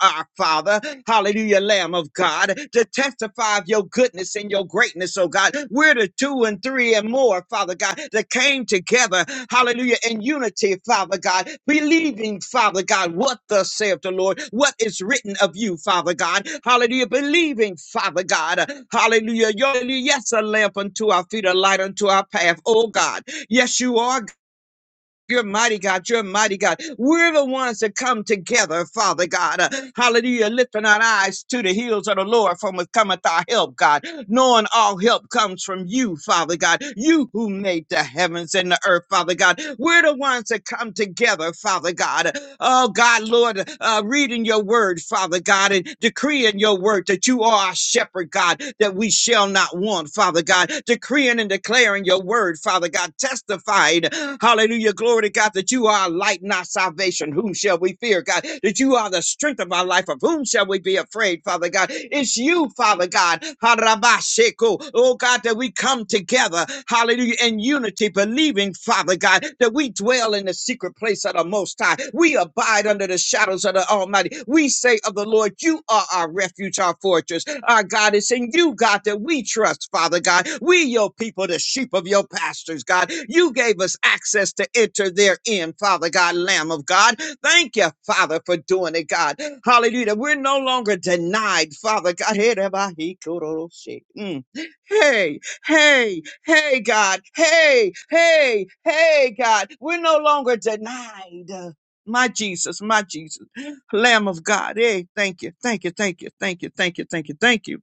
Speaker 5: our Father, hallelujah, Lamb of God, to testify of your goodness and your greatness, oh God. We're the two and three and more, Father God, that came together, hallelujah, in unity, Father God, believing, Father God, what thus saith the Lord, what is written of you, Father God, hallelujah, believing, Father God, hallelujah, your yes, a lamp unto our feet, a light unto our path, oh God. Yes, you are you're mighty God. You're mighty God. We're the ones that come together, Father God. Uh, hallelujah. Lifting our eyes to the hills of the Lord from which cometh our help, God. Knowing all help comes from you, Father God. You who made the heavens and the earth, Father God. We're the ones that come together, Father God. Oh, God, Lord, uh, reading your word, Father God, and decreeing your word that you are our shepherd, God, that we shall not want, Father God, decreeing and declaring your word, Father God, testified, hallelujah, glory to God, that you are our light and our salvation. Whom shall we fear, God? That you are the strength of our life. Of whom shall we be afraid, Father God? It's you, Father God, Harabasheko. oh God, that we come together together, hallelujah, in unity, believing, Father God, that we dwell in the secret place of the Most High. We abide under the shadows of the Almighty. We say of the Lord, You are our refuge, our fortress. Our God is in you, God, that we trust, Father God. We, your people, the sheep of your pastors, God. You gave us access to enter therein, Father God, Lamb of God. Thank you, Father, for doing it, God. Hallelujah. We're no longer denied, Father God. Mm. Hey, Hey, hey, God. Hey, hey, hey, God. We're no longer denied. My Jesus, my Jesus, Lamb of God. Hey, thank you, thank you, thank you, thank you, thank you, thank you, thank you.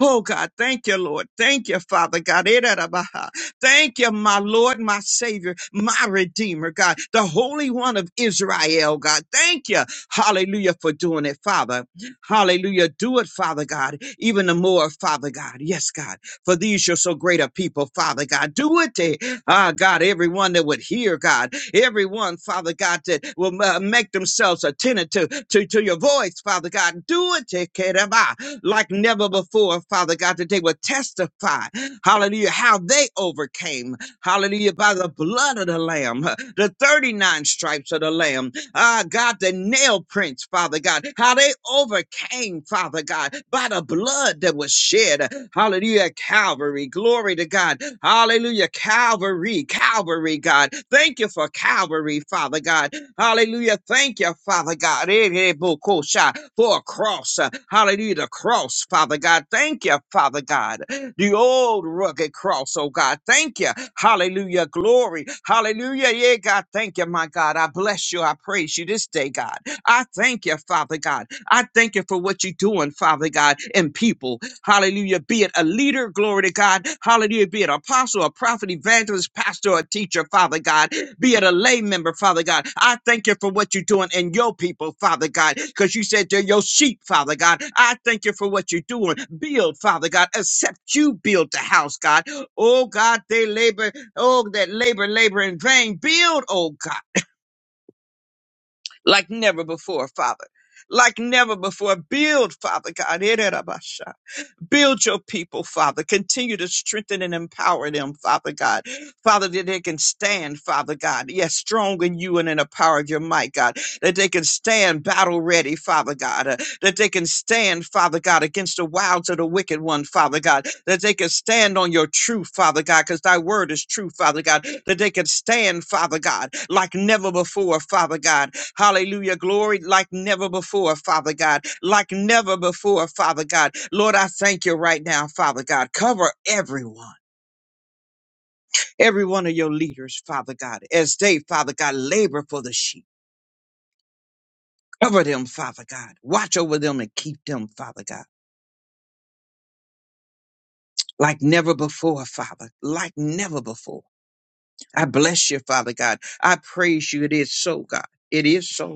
Speaker 5: Oh God, thank you, Lord. Thank you, Father God. Eh, da, da, ba, ha. Thank you, my Lord, my Savior, my Redeemer, God, the Holy One of Israel, God. Thank you, hallelujah, for doing it, Father. Hallelujah. Do it, Father God, even the more, Father God. Yes, God for these your so great a people, Father God. Do it, eh, ah, God, everyone that would hear, God, everyone, Father God, that will uh, make themselves attentive to, to, to your voice, Father God. Do it, eh, Keraba, like never before, Father God, that they would testify, hallelujah, how they overcame, hallelujah, by the blood of the Lamb, the 39 stripes of the Lamb, Ah, God, the nail prints, Father God, how they overcame, Father God, by the blood that was shed. Hallelujah, Calvary. Glory to God. Hallelujah, Calvary, Calvary, God. Thank you for Calvary, Father God. Hallelujah. Thank you, Father God, Eh, eh, bo- ko- sha, for a cross. uh, Hallelujah, the cross, Father God. Thank you, Father God the old rugged cross, oh God. Thank you. Hallelujah. Glory. Hallelujah. Yeah, God. Thank you, my God. I bless you. I praise you this day, God. I thank you, Father God. I thank you for what you're doing, Father God, and people. Hallelujah. Be it a leader, glory to God. Hallelujah. Be it apostle, a prophet, evangelist, pastor, or teacher, Father God be it a lay member, Father God. I thank you for what you're doing in your people, Father God, because you said they're your sheep, Father God. I thank you for what you're doing. Build, Father God, except you build the house, God. Oh God, they labor, oh, that labor, labor in vain. Build, oh God, like never before, Father. Like never before. Build, Father God. Build your people, Father. Continue to strengthen and empower them, Father God. Father, that they can stand, Father God. Yes, strong in you and in the power of your might, God. That they can stand battle ready, Father God. Uh, that they can stand, Father God, against the wiles of the wicked one, Father God. That they can stand on your truth, Father God, because thy word is true, Father God. That they can stand, Father God, like never before, Father God Hallelujah. Glory like never before, Father God. Like never before, Father God. Lord, I thank you right now, Father God. Cover everyone, every one of your leaders, Father God, as they, Father God, labor for the sheep. Cover them, Father God. Watch over them and keep them, Father God. Like never before, Father. Like never before. I bless you, Father God. I praise you. It is so, God. It is so.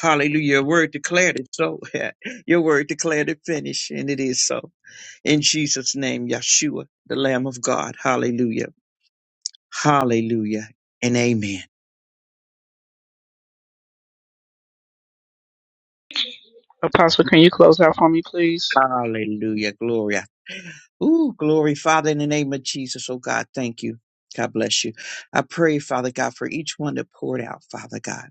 Speaker 5: Hallelujah. Your word declared it so. Your word declared it finished, and it is so. In Jesus' name, Yeshua, the Lamb of God. Hallelujah. Hallelujah. And amen.
Speaker 1: Apostle, can you close out for me, please?
Speaker 5: Hallelujah. Glory. Ooh, glory, Father, in the name of Jesus. Oh, God, thank you. God bless you. I pray, Father God, for each one that poured out, Father God.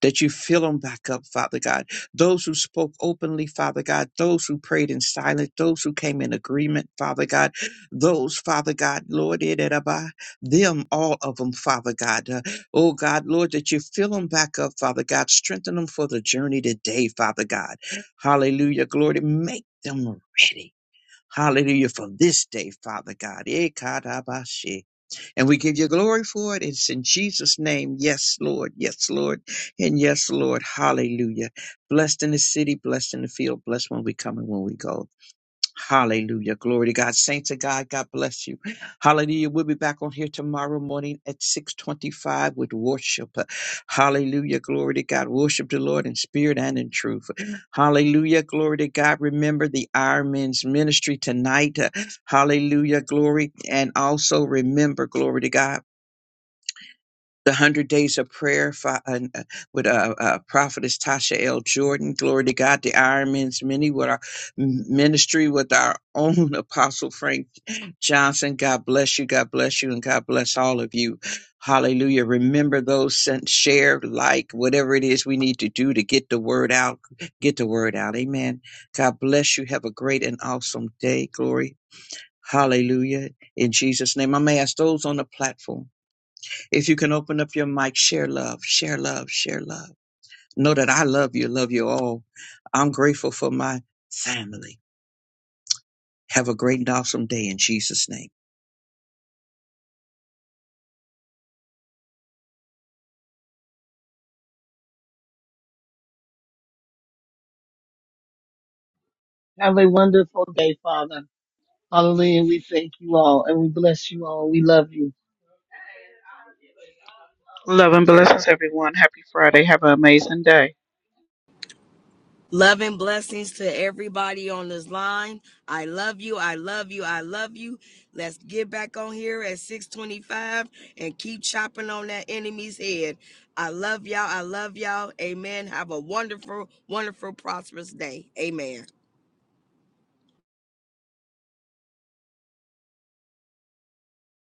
Speaker 5: that you fill them back up, Father God. Those who spoke openly, Father God, those who prayed in silence, those who came in agreement, Father God, those, Father God, Lord, it it about them, all of them, Father God. Uh, oh God, Lord, that you fill them back up, Father God. Strengthen them for the journey today, Father God. Hallelujah, glory. Make them ready. Hallelujah for this day, Father God. Eh, kadabashi. And we give you glory for it. It's in Jesus' name. Yes, Lord. Yes, Lord. And yes, Lord. Hallelujah. Blessed in the city, blessed in the field, blessed when we come and when we go. Hallelujah. Glory to God. Saints of God, God bless you. Hallelujah. We'll be back on here tomorrow morning at 625 with worship. Hallelujah. Glory to God. Worship the Lord in spirit and in truth. Hallelujah. Glory to God. Remember the Ironman's ministry tonight. Hallelujah. Glory. And also remember, glory to God the 100 days of prayer fi- and, uh, with uh, uh, prophetess tasha l jordan glory to god the ironman's many with our m- ministry with our own apostle frank johnson god bless you god bless you and god bless all of you hallelujah remember those sent share like whatever it is we need to do to get the word out get the word out amen god bless you have a great and awesome day glory hallelujah in jesus name i may ask those on the platform if you can open up your mic, share love, share love, share love. Know that I love you, love you all. I'm grateful for my family. Have a great and awesome day in Jesus' name.
Speaker 3: Have a wonderful day, Father. Hallelujah. We thank you all and we bless you all. We love you.
Speaker 1: Love and blessings, everyone. Happy Friday. Have an amazing day.
Speaker 4: Love and blessings to everybody on this line. I love you. I love you. I love you. Let's get back on here at 625 and keep chopping on that enemy's head. I love y'all. I love y'all. Amen. Have a wonderful, wonderful, prosperous day. Amen.